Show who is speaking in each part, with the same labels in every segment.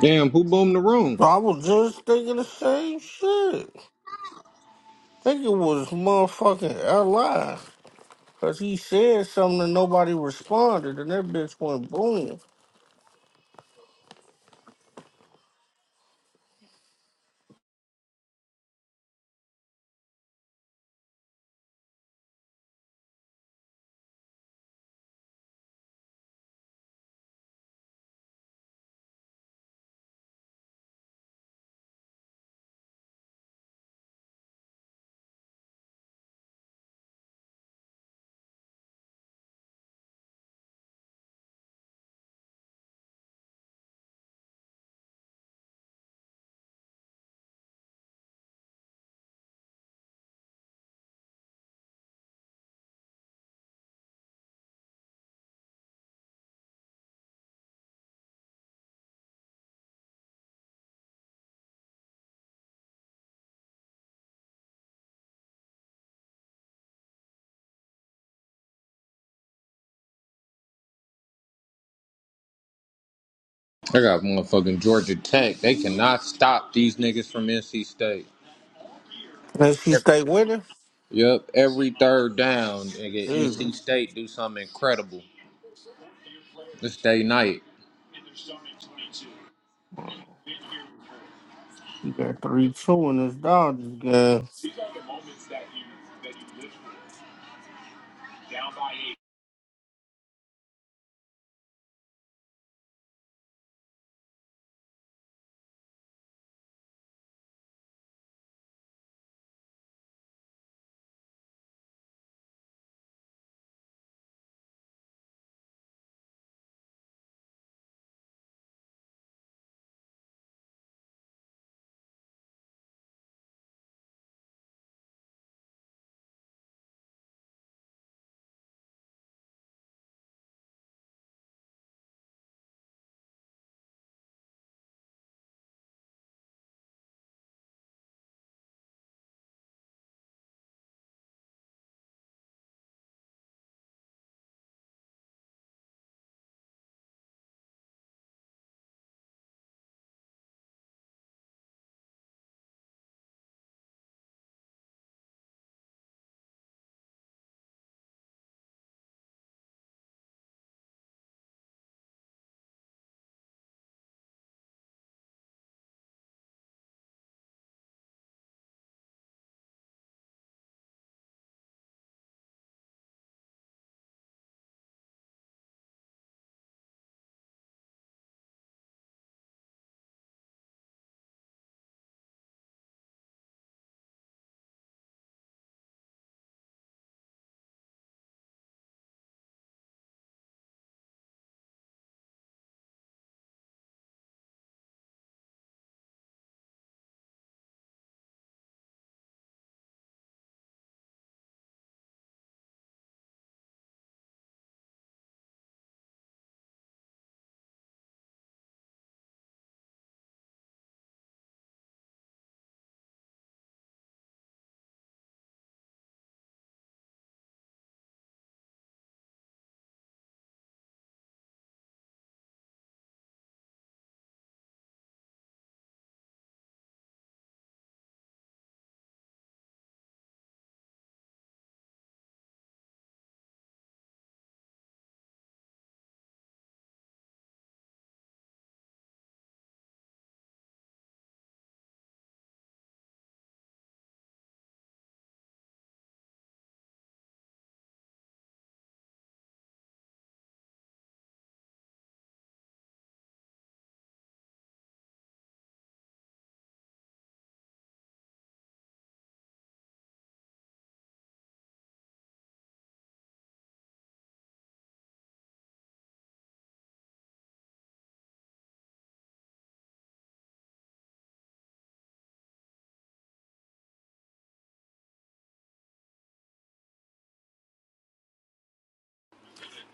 Speaker 1: Damn, who boomed the room?
Speaker 2: I was just thinking the same shit. Think it was motherfucking L.I. Because he said something and nobody responded, and that bitch went boom.
Speaker 1: I got motherfucking Georgia Tech. They cannot stop these niggas from NC State.
Speaker 2: And she
Speaker 1: Every,
Speaker 2: stayed with him?
Speaker 1: Yep, every third down, nigga,
Speaker 2: Shit.
Speaker 1: NC State do something incredible. This day night.
Speaker 2: We got 3 2 in this Dodgers game.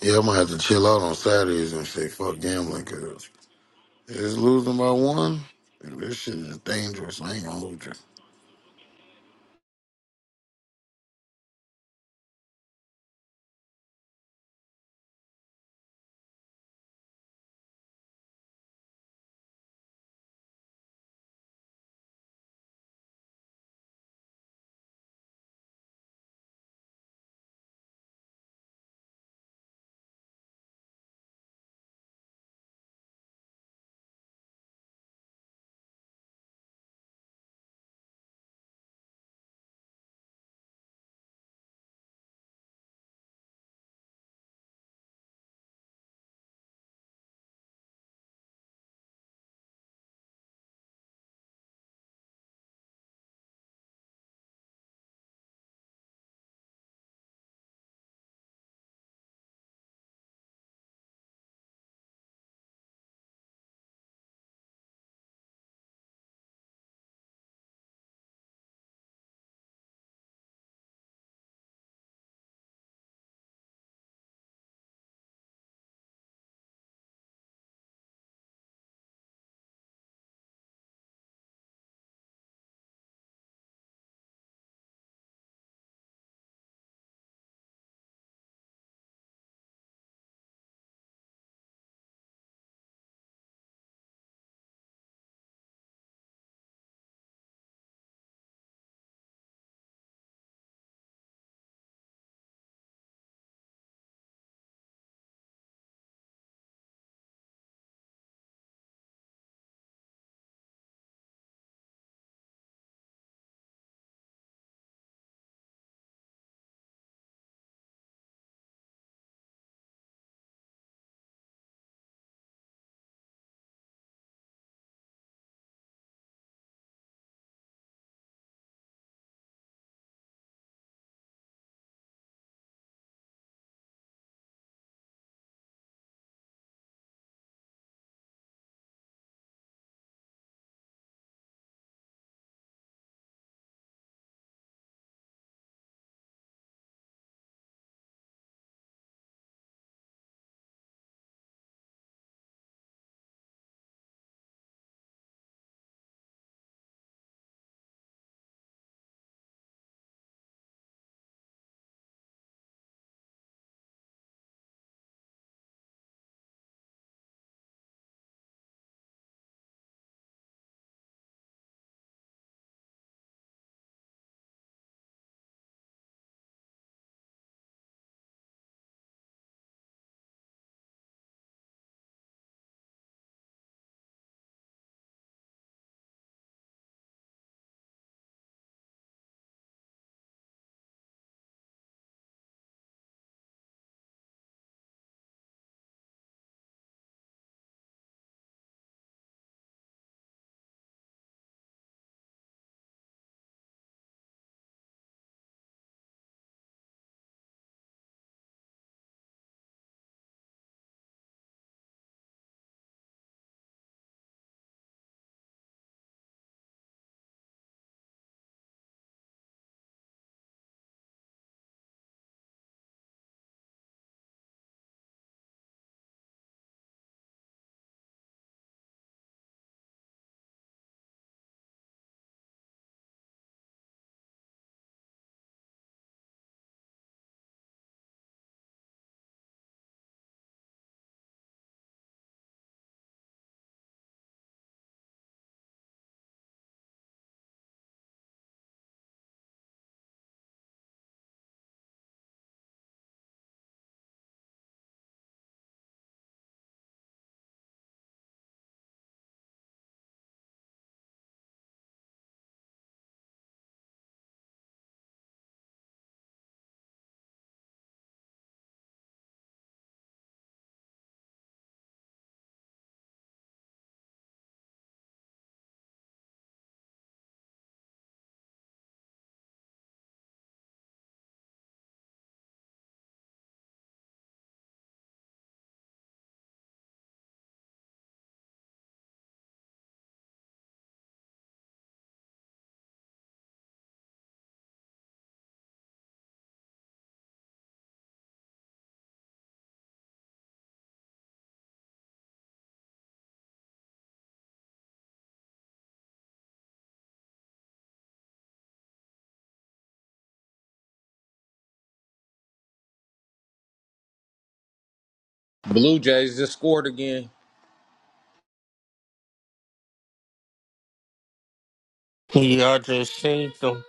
Speaker 3: Yeah, I'm gonna have to chill out on Saturdays and say fuck gambling because it's losing by one. This shit is dangerous. I ain't gonna lose.
Speaker 1: Blue Jays just scored again.
Speaker 2: Yeah, I just seen them.